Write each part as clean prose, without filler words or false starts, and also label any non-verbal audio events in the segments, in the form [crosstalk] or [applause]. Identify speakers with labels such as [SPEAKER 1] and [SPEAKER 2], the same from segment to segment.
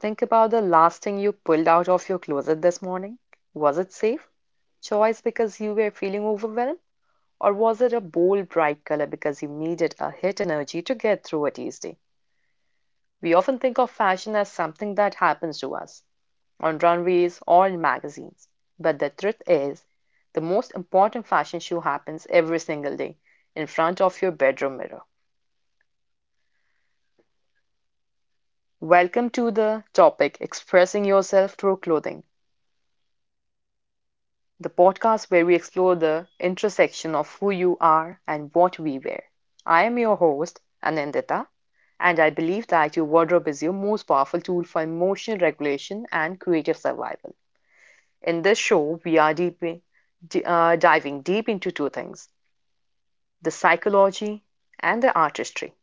[SPEAKER 1] Think about the last thing you pulled out of your closet this morning. Was it safe? Choice because you were feeling overwhelmed? Or was it a bold, bright color because you needed a hit energy to get through a Tuesday? We often think of fashion as something that happens to us on runways or in magazines. But the truth is, the most important fashion show happens every single day in front of your bedroom mirror. Welcome to the topic Expressing Yourself Through Clothing, the podcast where we explore the intersection of who you are and what we wear. I am your host, Anandita, and I believe that your wardrobe is your most powerful tool for emotional regulation and creative survival. In this show, we are diving deep into two things, the psychology and the artistry.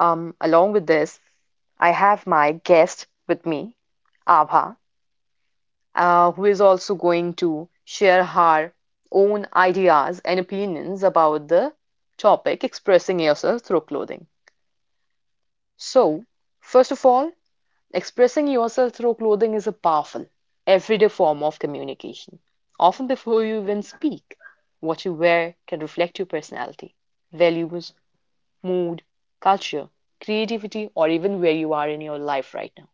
[SPEAKER 1] Along with this, I have my guest with me, Abha, who is also going to share her own ideas and opinions about the topic, expressing yourself through clothing. So, first of all, expressing yourself through clothing is a powerful, everyday form of communication. Often, before you even speak, what you wear can reflect your personality, values, mood, culture, creativity, or even where you are in your life right now.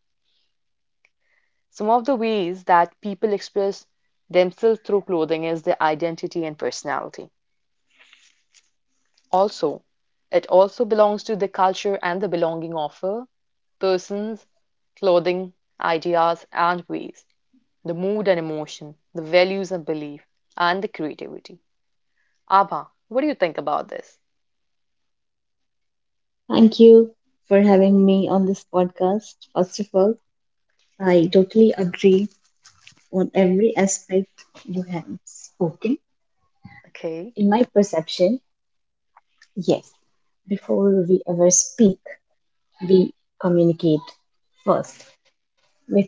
[SPEAKER 1] Some of the ways that people express themselves through clothing is their identity and personality. Also, it also belongs to the culture and the belonging of a persons, clothing, ideas, and ways, the mood and emotion, the values and belief, and the creativity. Abha, what do you think about this?
[SPEAKER 2] Thank you for having me on this podcast. First of all, I totally agree on every aspect you have spoken.
[SPEAKER 1] Okay.
[SPEAKER 2] In my perception, yes, before we ever speak, we communicate first with our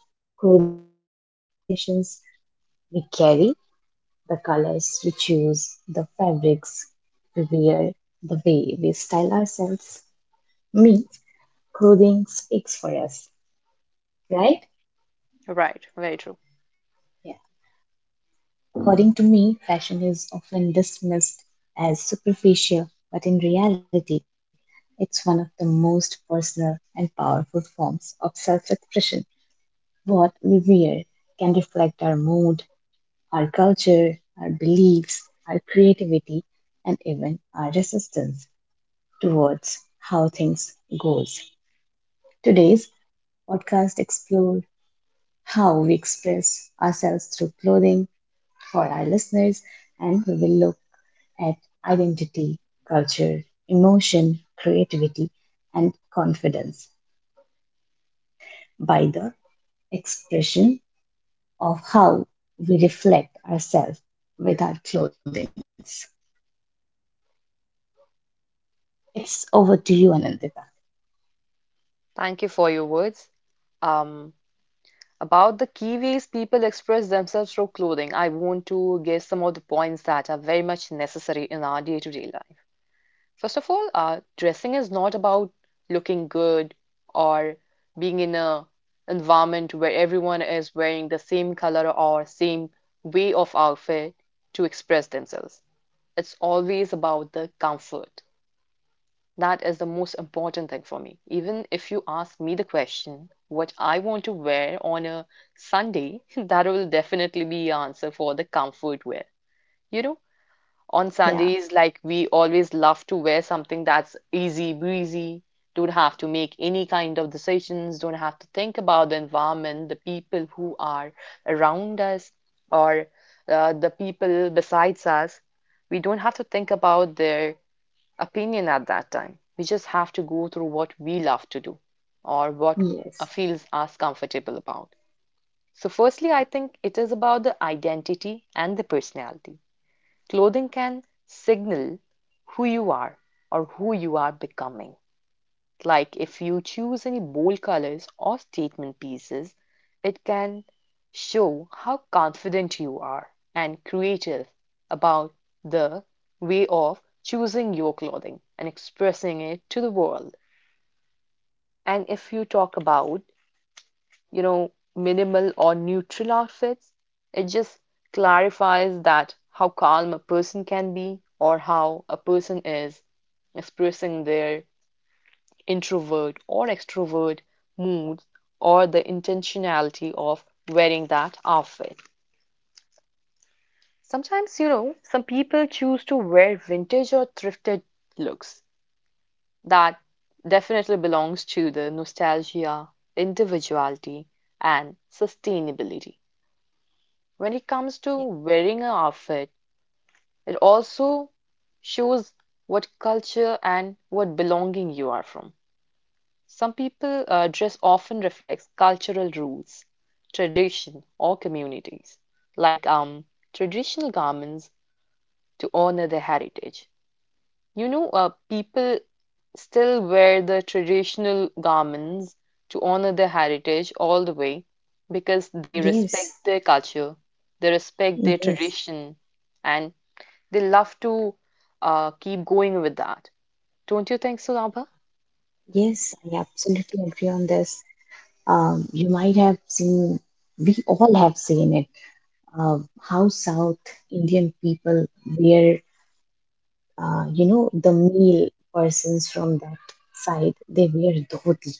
[SPEAKER 2] clothings, by the expressions we carry, the colors we choose, the fabrics we wear, the way we style ourselves. Me, clothing speaks for us, right?
[SPEAKER 1] Right, very true.
[SPEAKER 2] According to me, fashion is often dismissed as superficial, but in reality, it's one of the most personal and powerful forms of self expression. What we wear can reflect our mood, our culture, our beliefs, our creativity, and even our resistance towards how things goes. Today's podcast explore how we express ourselves through clothing for our listeners and we will look at identity, culture, emotion, creativity, and confidence by the expression of how we reflect ourselves with our clothings. It's over to you, Anandita.
[SPEAKER 1] Thank you for your words. Um, About the key ways people express themselves through clothing, I want to give some of the points that are very much necessary in our day-to-day life. First of all, dressing is not about looking good or being in a environment where everyone is wearing the same color or same way of outfit to express themselves. It's always about the comfort. That is the most important thing for me. Even if you ask me the question, what I want to wear on a Sunday, [laughs] that will definitely be the answer for the comfort wear. You know, on Sundays,
[SPEAKER 2] Yeah,
[SPEAKER 1] like we always love to wear something that's easy breezy, don't have to make any kind of decisions, don't have to think about the environment, the people who are around us, or the people besides us. We don't have to think about their opinion at that time. We just have to go through what we love to do or what feels
[SPEAKER 2] yes,
[SPEAKER 1] us comfortable about. So, firstly, I think it is about the identity and the personality. Clothing can signal who you are or who you are becoming. Like if you choose any bold colors or statement pieces, it can show how confident you are and creative about the way of choosing your clothing and expressing it to the world. And if you talk about, you know, minimal or neutral outfits, it just clarifies that how calm a person can be or how a person is expressing their introvert or extrovert moods or the intentionality of wearing that outfit. Sometimes, you know, some people choose to wear vintage or thrifted looks. That definitely belongs to the nostalgia, individuality, and sustainability. When it comes to
[SPEAKER 2] yeah,
[SPEAKER 1] wearing an outfit, it also shows what culture and what belonging you are from. Some people dress often reflects cultural rules, tradition, or communities, like traditional garments to honor their heritage. You know, people still wear the traditional garments to honor their heritage all the way because they
[SPEAKER 2] yes,
[SPEAKER 1] respect their culture, they respect their
[SPEAKER 2] yes,
[SPEAKER 1] tradition, and they love to keep going with that. Don't you think so, Abha?
[SPEAKER 2] yes, I absolutely agree on this. You might have seen, we all have seen it, uh, how South Indian people wear you know, the male persons from that side, they wear dhoti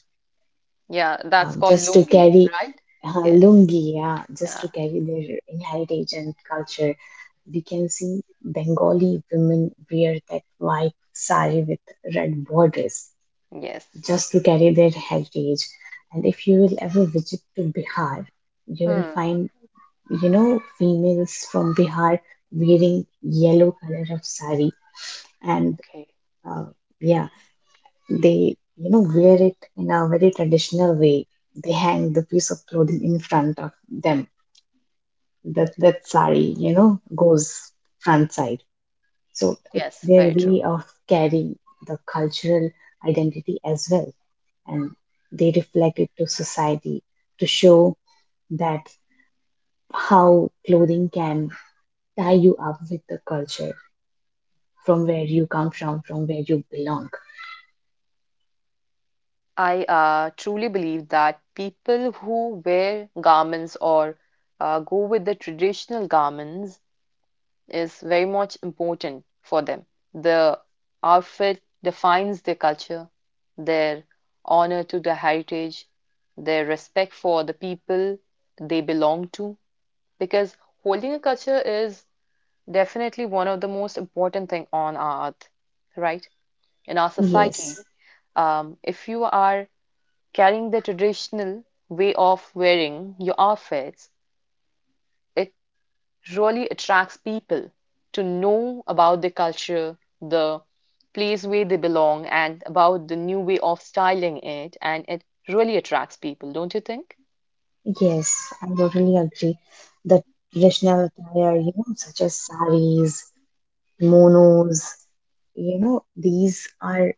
[SPEAKER 1] Yeah, that's called
[SPEAKER 2] just to
[SPEAKER 1] lungi,
[SPEAKER 2] carry
[SPEAKER 1] right? Yes.
[SPEAKER 2] lungi, yeah, just
[SPEAKER 1] Yeah,
[SPEAKER 2] to carry their heritage and culture. We can see Bengali women wear that white sari with red borders
[SPEAKER 1] yes.
[SPEAKER 2] just to carry their heritage. And if you will ever visit to Bihar, you will
[SPEAKER 1] Hmm.
[SPEAKER 2] find, you know, females from Bihar wearing yellow color of sari and
[SPEAKER 1] Okay.
[SPEAKER 2] uh, yeah. They, you know, wear it in a very traditional way. They hang the piece of clothing in front of them. That sari, you know, goes front side. So it's
[SPEAKER 1] Yes,
[SPEAKER 2] their
[SPEAKER 1] very true.
[SPEAKER 2] way of carrying the cultural identity as well, and they reflect it to society to show that how clothing can tie you up with the culture from where you come from where you belong.
[SPEAKER 1] I truly believe that people who wear garments or go with the traditional garments is very much important for them. The outfit defines their culture, their honor to the heritage, their respect for the people they belong to, because holding a culture is definitely one of the most important thing on our earth, right? In our society,
[SPEAKER 2] Yes.
[SPEAKER 1] if you are carrying the traditional way of wearing your outfits, it really attracts people to know about the culture, the place where they belong, and about the new way of styling it, and it really attracts people, don't you think?
[SPEAKER 2] Yes, I totally agree. The traditional attire, you know, such as saris, kimonos, you know, these are,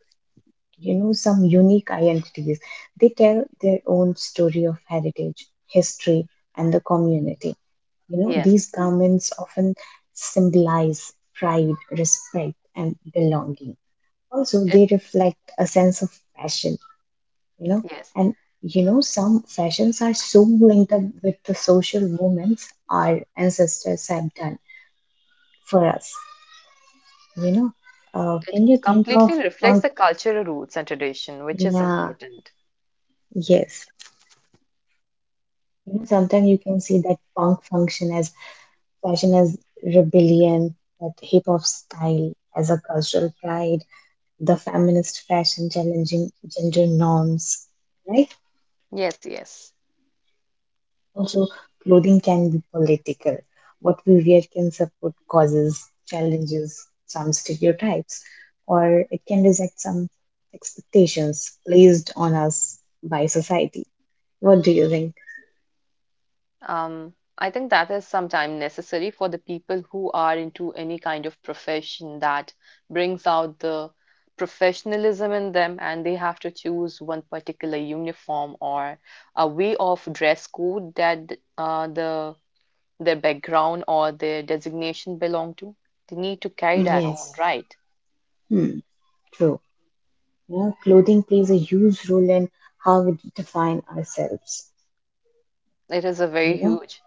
[SPEAKER 2] you know, some unique identities. They tell their own story of heritage, history, and the community. You know,
[SPEAKER 1] Yes,
[SPEAKER 2] these
[SPEAKER 1] mm,
[SPEAKER 2] garments often symbolize pride, respect, and belonging. Also,
[SPEAKER 1] it
[SPEAKER 2] they reflect a sense of passion, you know,
[SPEAKER 1] yes,
[SPEAKER 2] and you know some fashions are so linked up with the social movements our ancestors have done for us, you know,
[SPEAKER 1] it
[SPEAKER 2] can you think of
[SPEAKER 1] completely reflects
[SPEAKER 2] punk?
[SPEAKER 1] the cultural roots and tradition, which is
[SPEAKER 2] Yeah,
[SPEAKER 1] important.
[SPEAKER 2] yes, you know sometimes you can see that punk function as fashion as rebellion, that hip hop style as a cultural pride, the feminist fashion challenging gender norms, right?
[SPEAKER 1] Yes, yes.
[SPEAKER 2] Also, clothing can be political. What we wear can support causes, challenges, some stereotypes, or it can reject some expectations placed on us by society. What do you think?
[SPEAKER 1] I think that is sometimes necessary for the people who are into any kind of profession that brings out the professionalism in them, and they have to choose one particular uniform or a way of dress code that the their background or their designation belong to. They need to carry that on,
[SPEAKER 2] Yes.
[SPEAKER 1] right?
[SPEAKER 2] Hmm. True. You know, clothing plays a huge role in how we define ourselves.
[SPEAKER 1] It is a very
[SPEAKER 2] You know?
[SPEAKER 1] huge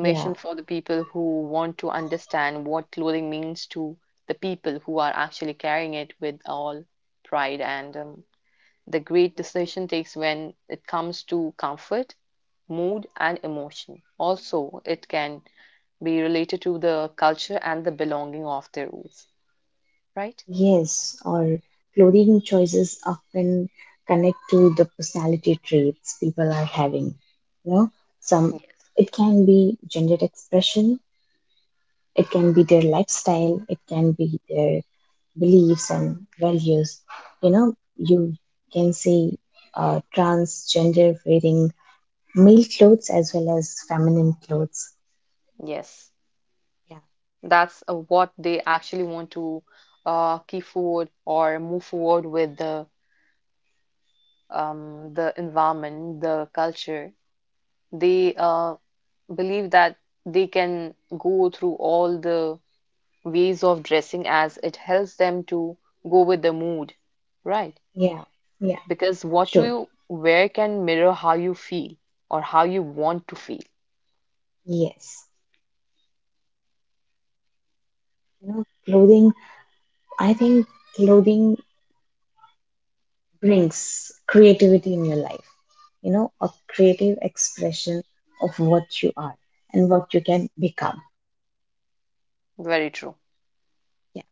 [SPEAKER 2] Yeah.
[SPEAKER 1] for the people who want to understand what clothing means to the people who are actually carrying it with all pride. And the great decision takes when it comes to comfort, mood, and emotion. Also, it can be related to the culture and the belonging of their roots, right?
[SPEAKER 2] Yes, or clothing choices often connect to the personality traits people are having. You know, some
[SPEAKER 1] Yes.
[SPEAKER 2] it can be gender expression, it can be their lifestyle, it can be their beliefs and values. You know, you can see transgender wearing male clothes as well as feminine clothes.
[SPEAKER 1] Yes.
[SPEAKER 2] Yeah,
[SPEAKER 1] That's what they actually want to keep forward or move forward with the the environment, the culture. They believe that they can go through all the ways of dressing as it helps them to go with the mood, right?
[SPEAKER 2] yeah, yeah,
[SPEAKER 1] Because what
[SPEAKER 2] true.
[SPEAKER 1] you wear can mirror how you feel or how you want to feel.
[SPEAKER 2] Yes, you know, clothing. I think clothing brings creativity in your life, you know, a creative expression of what you are and what you can become.
[SPEAKER 1] Very true.
[SPEAKER 2] Yeah,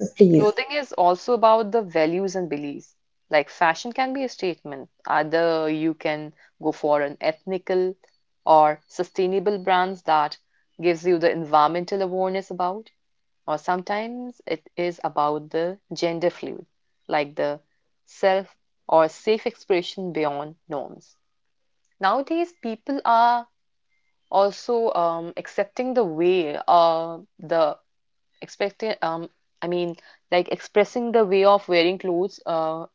[SPEAKER 2] so please.
[SPEAKER 1] Clothing is also about the values and beliefs. Like fashion can be a statement. Either you can go for an ethnical or sustainable brands that gives you the environmental awareness about, or sometimes it is about the gender fluid, like the self or safe expression beyond norms. Nowadays, people are also accepting the way the expecting I mean, like expressing the way of wearing clothes uh,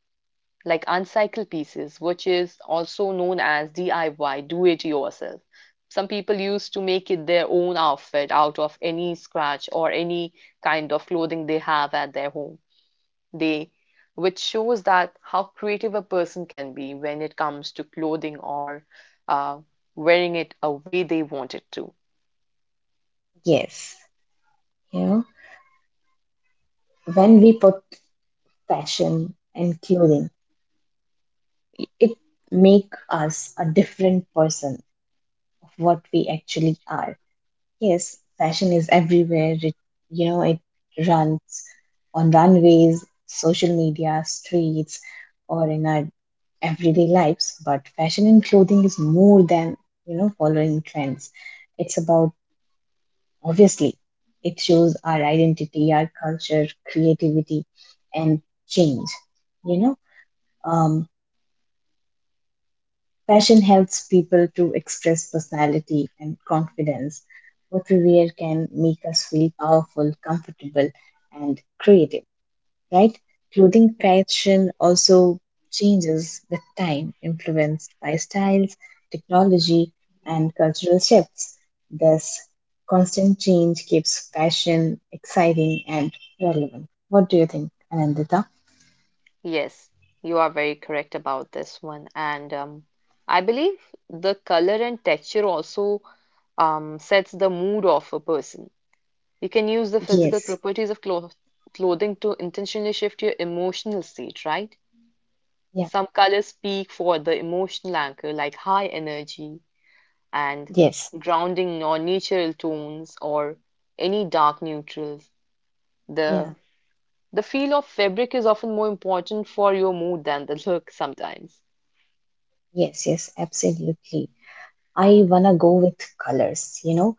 [SPEAKER 1] like uncycled pieces, which is also known as DIY, do it yourself. Some people used to make it their own outfit out of any scratch or any kind of clothing they have at their home. They, which shows that how creative a person can be when it comes to clothing or uh, wearing it a way they want it to.
[SPEAKER 2] Yes, you know, when we put fashion and clothing, it make us a different person of what we actually are. Yes, fashion is everywhere. It, you know, it runs on runways, social media, streets, or in our everyday lives, but fashion and clothing is more than, you know, following trends. It's about, obviously, it shows our identity, our culture, creativity, and change, you know. um, Fashion helps people to express personality and confidence. What we wear can make us feel powerful, comfortable, and creative, right? Clothing fashion also changes with time, influenced by styles, technology, and cultural shifts. Thus, constant change keeps fashion exciting and relevant. What do you think, Anandita?
[SPEAKER 1] Yes, you are very correct about this one. And I believe the color and texture also sets the mood of a person. You can use the physical
[SPEAKER 2] Yes,
[SPEAKER 1] properties of clothing to intentionally shift your emotional state, right?
[SPEAKER 2] yeah,
[SPEAKER 1] Some colors speak for the emotional anchor, like high energy and
[SPEAKER 2] yes,
[SPEAKER 1] grounding non-natural tones or any dark neutrals.
[SPEAKER 2] yeah,
[SPEAKER 1] The the feel of fabric is often more important for your mood than the look sometimes.
[SPEAKER 2] yes, yes, absolutely. I wanna go with colors, you know.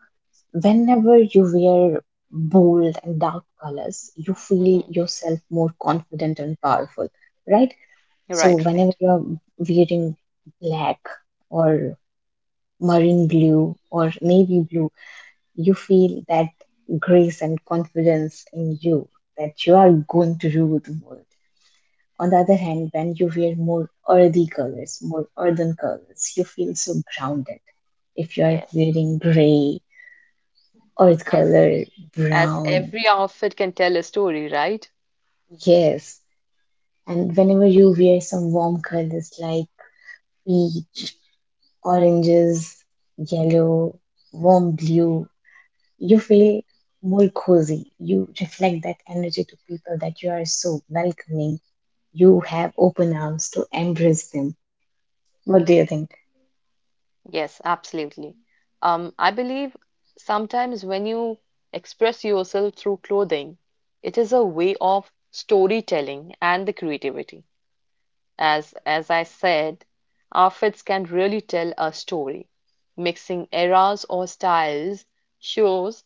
[SPEAKER 2] Whenever you wear bold and dark colors, you feel
[SPEAKER 1] Mhm.
[SPEAKER 2] yourself more confident and powerful, right? So
[SPEAKER 1] Right,
[SPEAKER 2] whenever
[SPEAKER 1] right.
[SPEAKER 2] you're wearing black or marine blue or navy blue, you feel that grace and confidence in you that you are going to rule the world. On the other hand, when you wear more earthy colors, more earthen colors, you feel so grounded. If you are
[SPEAKER 1] Yes.
[SPEAKER 2] wearing gray, earth
[SPEAKER 1] As
[SPEAKER 2] color,
[SPEAKER 1] as
[SPEAKER 2] brown,
[SPEAKER 1] every outfit can tell a story, right?
[SPEAKER 2] yes. And whenever you wear some warm colors like peach, oranges, yellow, warm blue, you feel more cozy. You reflect that energy to people that you are so welcoming. You have open arms to embrace them. What do you think?
[SPEAKER 1] Yes, absolutely. I believe sometimes when you express yourself through clothing, it is a way of storytelling and the creativity. As I said, outfits can really tell a story. Mixing eras or styles shows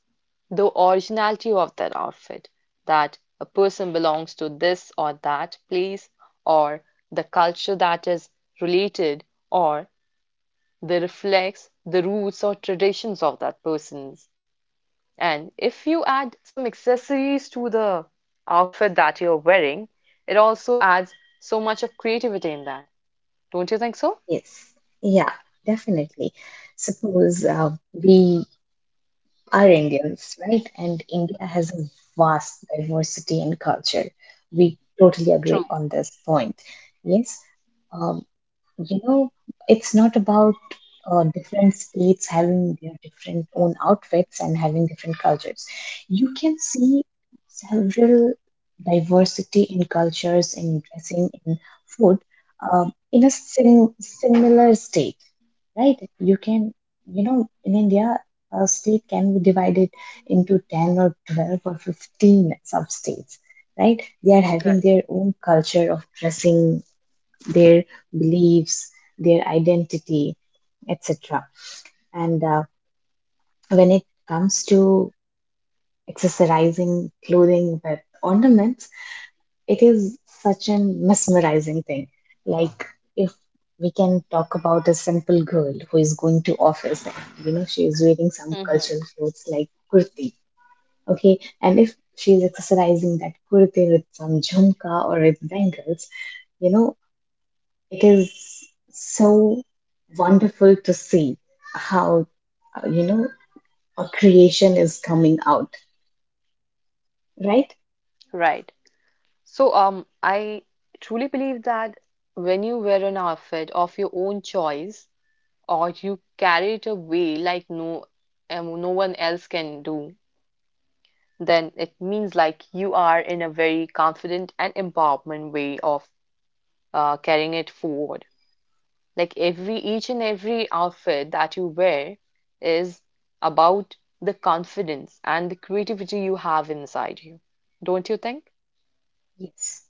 [SPEAKER 1] the originality of that outfit, that a person belongs to this or that place, or the culture that is related, or they reflects the roots or traditions of that person's. And if you add some accessories to the outfit that you're wearing, it also adds so much of creativity in that. Don't you think so?
[SPEAKER 2] Yes. Yeah, definitely. Suppose we are Indians, right? And India has a vast diversity in culture. We totally agree on this point. Yes. Um, you know, it's not about different states having their different own outfits and having different cultures. You can see several diversity in cultures, in dressing, in food, in a similar state, right? You can, you know, in India, a state can be divided into 10 or 12 or 15 sub states, right? They are having their own culture of dressing, their beliefs, their identity, etc. And when it comes to accessorizing clothing with ornaments, it is such a mesmerizing thing. Like if we can talk about a simple girl who is going to office, and, you know, she is wearing some
[SPEAKER 1] Mm-hmm.
[SPEAKER 2] cultural clothes like kurti. Okay, and if she is accessorizing that kurti with some jhumka or with bangles, you know, it is so wonderful to see how, you know, a creation is coming out, right?
[SPEAKER 1] Right. So, I truly believe that when you wear an outfit of your own choice or you carry it away like no, no one else can do, then it means like you are in a very confident and empowerment way of carrying it forward. Like every each and every outfit that you wear is about the confidence and the creativity you have inside you. Don't you think?
[SPEAKER 2] Yes,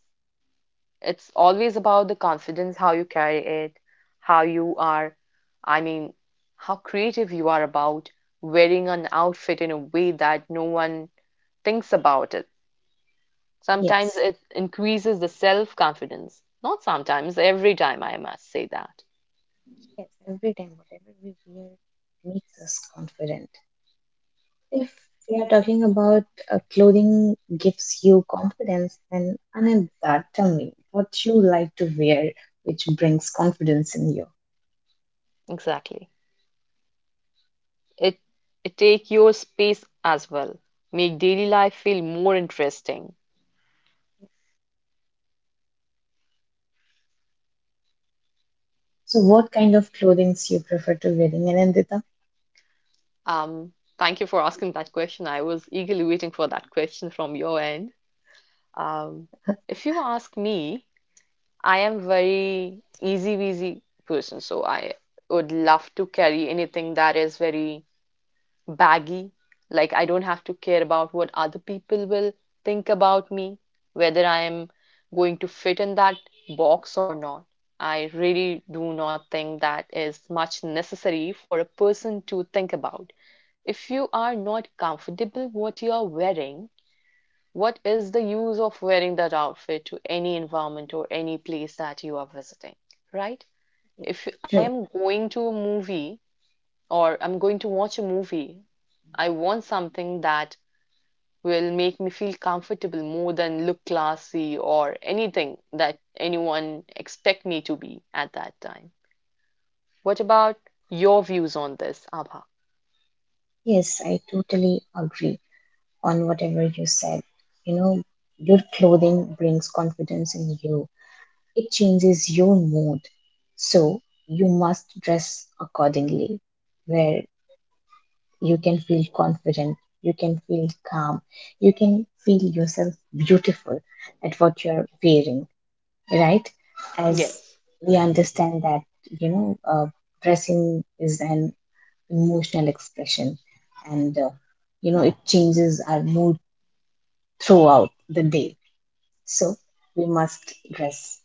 [SPEAKER 1] It's always about the confidence, how you carry it, how you are, I mean, how creative you are about wearing an outfit in a way that no one thinks about it. Sometimes
[SPEAKER 2] yes,
[SPEAKER 1] it increases the self-confidence. Not sometimes, every time I must say that.
[SPEAKER 2] yes. Every time, whatever we wear makes us confident. If we are talking about clothing gives you confidence, then Anandita, tell me what you like to wear which brings confidence in you.
[SPEAKER 1] Exactly. It it take your space as well. Make daily life feel more interesting.
[SPEAKER 2] So, what kind of clothing you prefer to wearing, Anandita?
[SPEAKER 1] Thank you for asking that question. I was eagerly waiting for that question from your end. Um, if you ask me, I am very easy-breezy person, so I would love to carry anything that is very baggy. Like I don't have to care about what other people will think about me, whether I am going to fit in that box or not. I really do not think that is much necessary for a person to think about. If you are not comfortable what you are wearing, what is the use of wearing that outfit to any environment or any place that you are visiting, right?
[SPEAKER 2] Yes.
[SPEAKER 1] If I
[SPEAKER 2] True.
[SPEAKER 1] am going to a movie or I'm going to watch a movie, I want something that will make me feel comfortable more than look classy or anything that anyone expect me to be at that time. What about your views on this, Abha?
[SPEAKER 2] Yes, I totally agree on whatever you said. You know, your clothing brings confidence in you, it changes your mood. So, you must dress accordingly, where you can feel confident, you can feel calm, you can feel yourself beautiful at what you're wearing, right? As
[SPEAKER 1] Yes,
[SPEAKER 2] we understand that, you know, dressing is an emotional expression and you know it changes our mood throughout the day. So we must dress,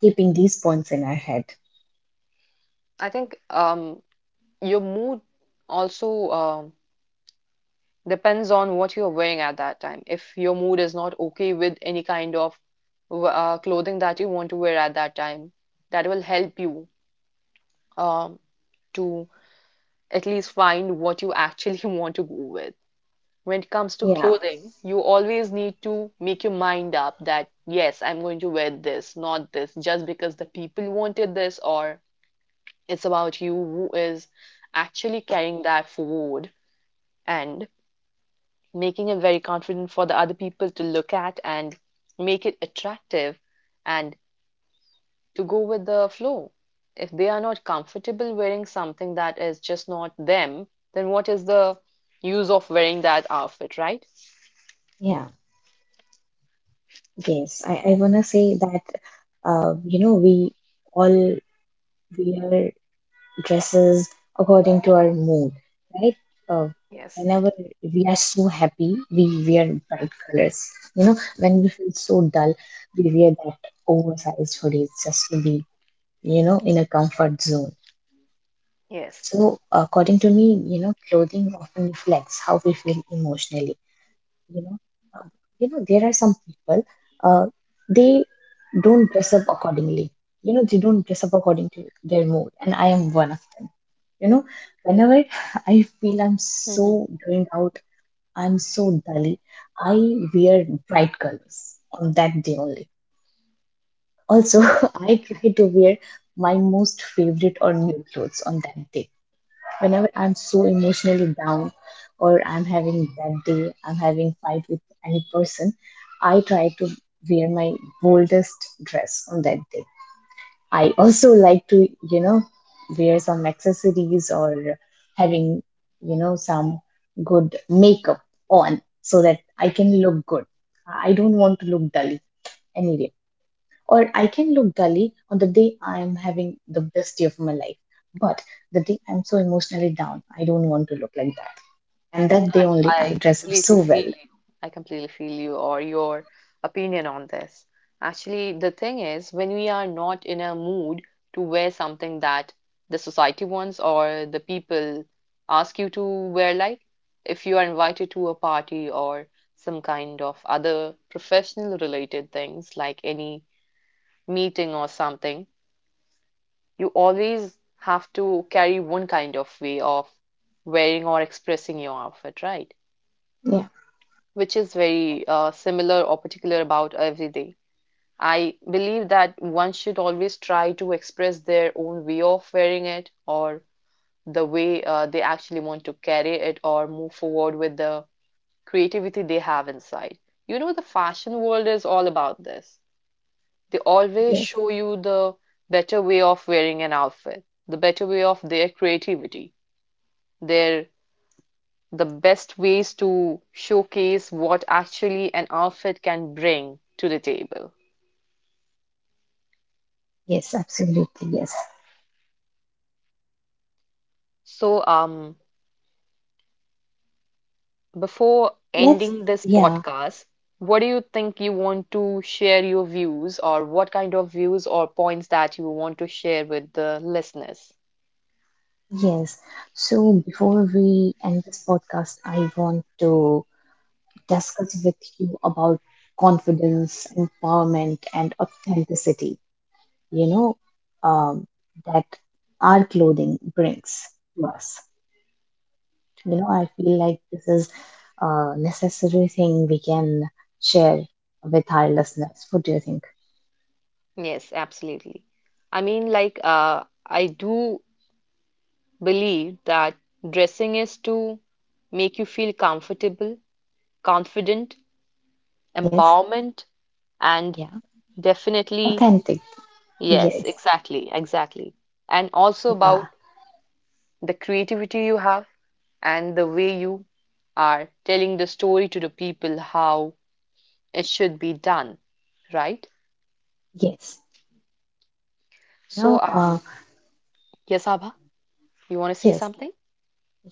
[SPEAKER 2] keeping these points in our head.
[SPEAKER 1] I think your mood also depends on what you're wearing at that time. If your mood is not okay with any kind of clothing that you want to wear at that time, that will help you um, to at least find what you actually [laughs] want to go with. When it comes to
[SPEAKER 2] Yeah,
[SPEAKER 1] clothing, you always need to make your mind up that yes, I'm going to wear this, not this, just because the people wanted this, or it's about you who is actually carrying that forward and making it very confident for the other people to look at and make it attractive and to go with the flow. If they are not comfortable wearing something that is just not them, then what is the use of wearing that outfit, right?
[SPEAKER 2] yeah, yes. I wanna say that you know, we all wear dresses according to our mood, right? Uh, Whenever we are so happy, we wear bright colors. You know, when we feel so dull, we wear that oversized hoodies just to be, you know, in a comfort zone.
[SPEAKER 1] Yes.
[SPEAKER 2] So, according to me, you know, clothing often reflects how we feel emotionally. You know, uh, you know there are some people, uh, they don't dress up accordingly, you know, they don't dress up according to their mood, and I am one of them, you know. Whenever [laughs] I feel I'm so
[SPEAKER 1] Mm-hmm.
[SPEAKER 2] drained out, I'm so dully, I wear bright colors on that day only. Also, [laughs] I try to wear my most favorite or new clothes on that day. Whenever I'm so emotionally down, or I'm having bad day, I'm having fight with any person, I try to wear my boldest dress on that day. I also like to, you know, wear some accessories or having, you know, some good makeup on so that I can look good. I don't want to look dull anyway, or I can look dully on the day I am having the best day of my life. But the day I'm so emotionally down, I don't want to look like that. And that day
[SPEAKER 1] I
[SPEAKER 2] only
[SPEAKER 1] I
[SPEAKER 2] I'll dress up
[SPEAKER 1] completely
[SPEAKER 2] so
[SPEAKER 1] feel
[SPEAKER 2] well.
[SPEAKER 1] you. I completely feel you or your opinion on this. Actually, the thing is, when we are not in a mood to wear something that the society wants or the people ask you to wear, like if you are invited to a party or some kind of other professional related things, like any meeting or something, you always have to carry one kind of way of wearing or expressing your outfit, right?
[SPEAKER 2] Yeah,
[SPEAKER 1] Which is very similar or particular about every day. I believe that one should always try to express their own way of wearing it or the way they actually want to carry it or move forward with the creativity they have inside. You know, the fashion world is all about this. They always
[SPEAKER 2] yes,
[SPEAKER 1] show you the better way of wearing an outfit, the better way of their creativity, their the best ways to showcase what actually an outfit can bring to the table.
[SPEAKER 2] yes, absolutely, yes.
[SPEAKER 1] So, before
[SPEAKER 2] Let's,
[SPEAKER 1] ending this
[SPEAKER 2] yeah,
[SPEAKER 1] podcast, what do you think you want to share your views, or what kind of views or points that you want to share with the listeners?
[SPEAKER 2] yes. So before we end this podcast, I want to discuss with you about confidence, empowerment, and authenticity, you know, um, that our clothing brings to us. You know, I feel like this is a necessary thing we can share with our listeners. What do you think?
[SPEAKER 1] Yes, absolutely. I mean, like, I do believe that dressing is to make you feel comfortable, confident,
[SPEAKER 2] Yes.
[SPEAKER 1] empowerment, and
[SPEAKER 2] Yeah.
[SPEAKER 1] definitely
[SPEAKER 2] Authentic.
[SPEAKER 1] yes,
[SPEAKER 2] Yes.
[SPEAKER 1] exactly, exactly. And also
[SPEAKER 2] Yeah.
[SPEAKER 1] about the creativity you have and the way you are telling the story to the people how it should be done, right?
[SPEAKER 2] Yes. You
[SPEAKER 1] So,
[SPEAKER 2] know,
[SPEAKER 1] yes, Abha, you want to say
[SPEAKER 2] yes.
[SPEAKER 1] something?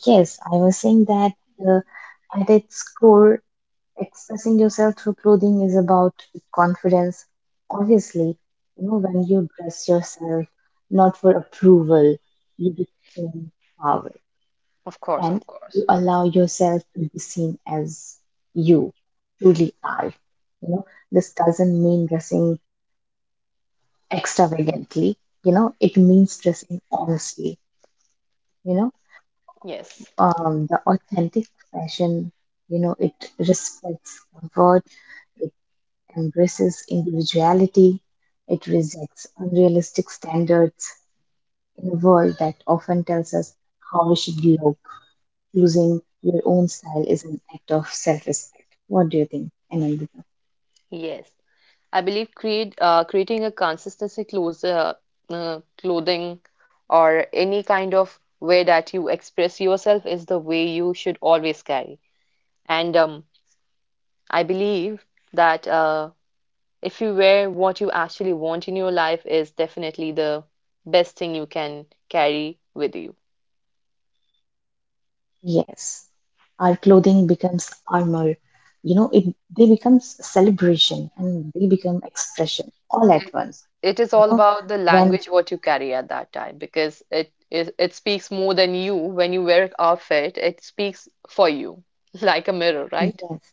[SPEAKER 2] Yes. I was saying that uh, at its core, expressing yourself through clothing is about confidence. Obviously, you know, when you dress yourself not for approval, you become power,
[SPEAKER 1] Of course,
[SPEAKER 2] and
[SPEAKER 1] of
[SPEAKER 2] you
[SPEAKER 1] course.
[SPEAKER 2] allow yourself to be seen as you truly are. You know, this doesn't mean dressing extravagantly, you know, it means dressing honestly, you know,
[SPEAKER 1] Yes,
[SPEAKER 2] the authentic fashion, you know, it respects comfort, it embraces individuality, it rejects unrealistic standards in a world that often tells us how we should look. Choosing your own style is an act of self respect. What do you think, Anandita?
[SPEAKER 1] yes. I believe create creating a consistency closer clothing or any kind of way that you express yourself is the way you should always carry. And I believe that if you wear what you actually want in your life is definitely the best thing you can carry with you.
[SPEAKER 2] Yes. Our clothing becomes armor. You know, it they become celebration and they become expression all at once.
[SPEAKER 1] It
[SPEAKER 2] You
[SPEAKER 1] is
[SPEAKER 2] know,
[SPEAKER 1] all about the
[SPEAKER 2] when
[SPEAKER 1] language what you carry at that time because it speaks more than you when you wear an outfit. It speaks for you [laughs] like a mirror, right?
[SPEAKER 2] yes,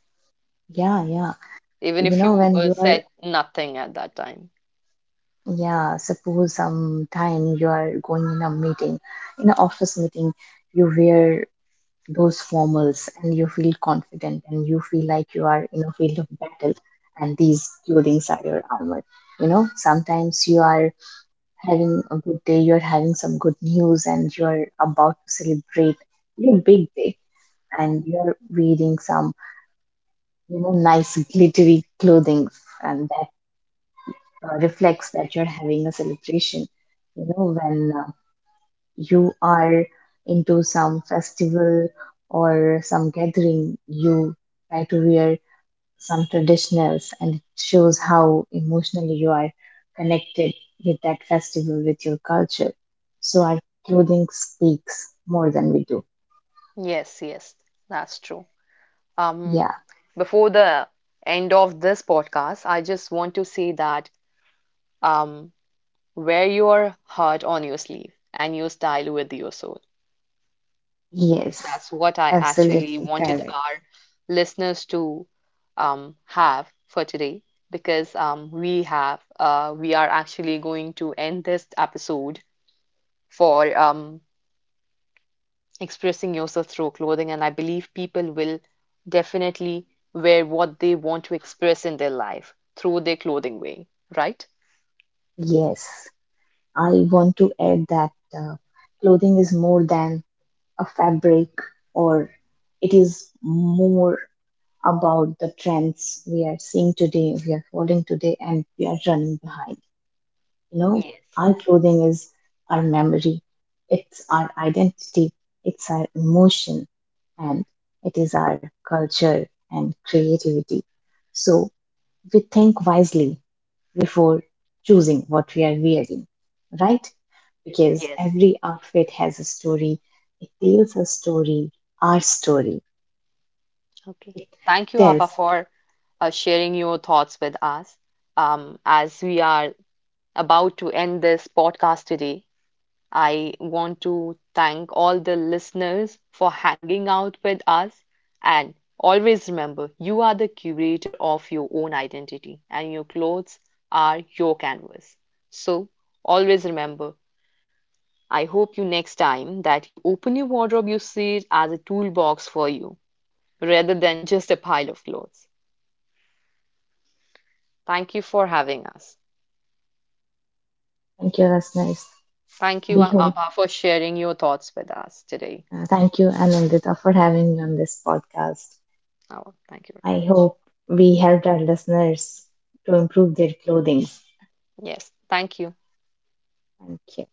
[SPEAKER 2] yeah, yeah.
[SPEAKER 1] Even
[SPEAKER 2] You
[SPEAKER 1] if
[SPEAKER 2] know,
[SPEAKER 1] you
[SPEAKER 2] when you are
[SPEAKER 1] said nothing at that time.
[SPEAKER 2] yeah, suppose sometime you are going in a meeting, in an office meeting, you wear those formals and you feel confident and you feel like you are in a field of battle and these clothings are your armor. You know sometimes you are having a good day, you're having some good news and you're about to celebrate your big day, and you're wearing some, you know, nice glittery clothing, and that reflects that you're having a celebration. You know when you are into some festival or some gathering, you try to wear some traditionals and it shows how emotionally you are connected with that festival, with your culture. So our clothing speaks more than we do.
[SPEAKER 1] Yes, yes, that's true. Um,
[SPEAKER 2] Yeah,
[SPEAKER 1] Before the end of this podcast, I just want to say that um, wear your heart on your sleeve and your style with your soul.
[SPEAKER 2] yes,
[SPEAKER 1] That's what I actually
[SPEAKER 2] absolutely
[SPEAKER 1] wanted
[SPEAKER 2] correct.
[SPEAKER 1] our listeners to have for today because we are actually going to end this episode for expressing yourself through clothing, and I believe people will definitely wear what they want to express in their life through their clothing way, right?
[SPEAKER 2] Yes, I want to add that uh, clothing is more than a fabric, or it is more about the trends we are seeing today, we are following today, and we are running behind. You know,
[SPEAKER 1] Yes.
[SPEAKER 2] our clothing is our memory, it's our identity, it's our emotion, and it is our culture and creativity. So we think wisely before choosing what we are wearing, right? Because every outfit has a story, it tells a story, our story.
[SPEAKER 1] Okay.
[SPEAKER 2] It
[SPEAKER 1] Thank you, Ava,
[SPEAKER 2] tells.
[SPEAKER 1] for sharing your thoughts with us. As we are about to end this podcast today, I want to thank all the listeners for hanging out with us. And always remember, you are the curator of your own identity, and your clothes are your canvas. So, always remember, I hope you next time that you open your wardrobe, you see it as a toolbox for you rather than just a pile of clothes. Thank you for having us.
[SPEAKER 2] Thank you, listeners.
[SPEAKER 1] Thank you,
[SPEAKER 2] We hope,
[SPEAKER 1] Abha, for sharing your thoughts with us today.
[SPEAKER 2] thank you, Anandita, for having me on this podcast.
[SPEAKER 1] Oh, thank you very
[SPEAKER 2] I
[SPEAKER 1] much.
[SPEAKER 2] hope we helped our listeners to improve their clothing.
[SPEAKER 1] Yes, thank you.
[SPEAKER 2] Thank you.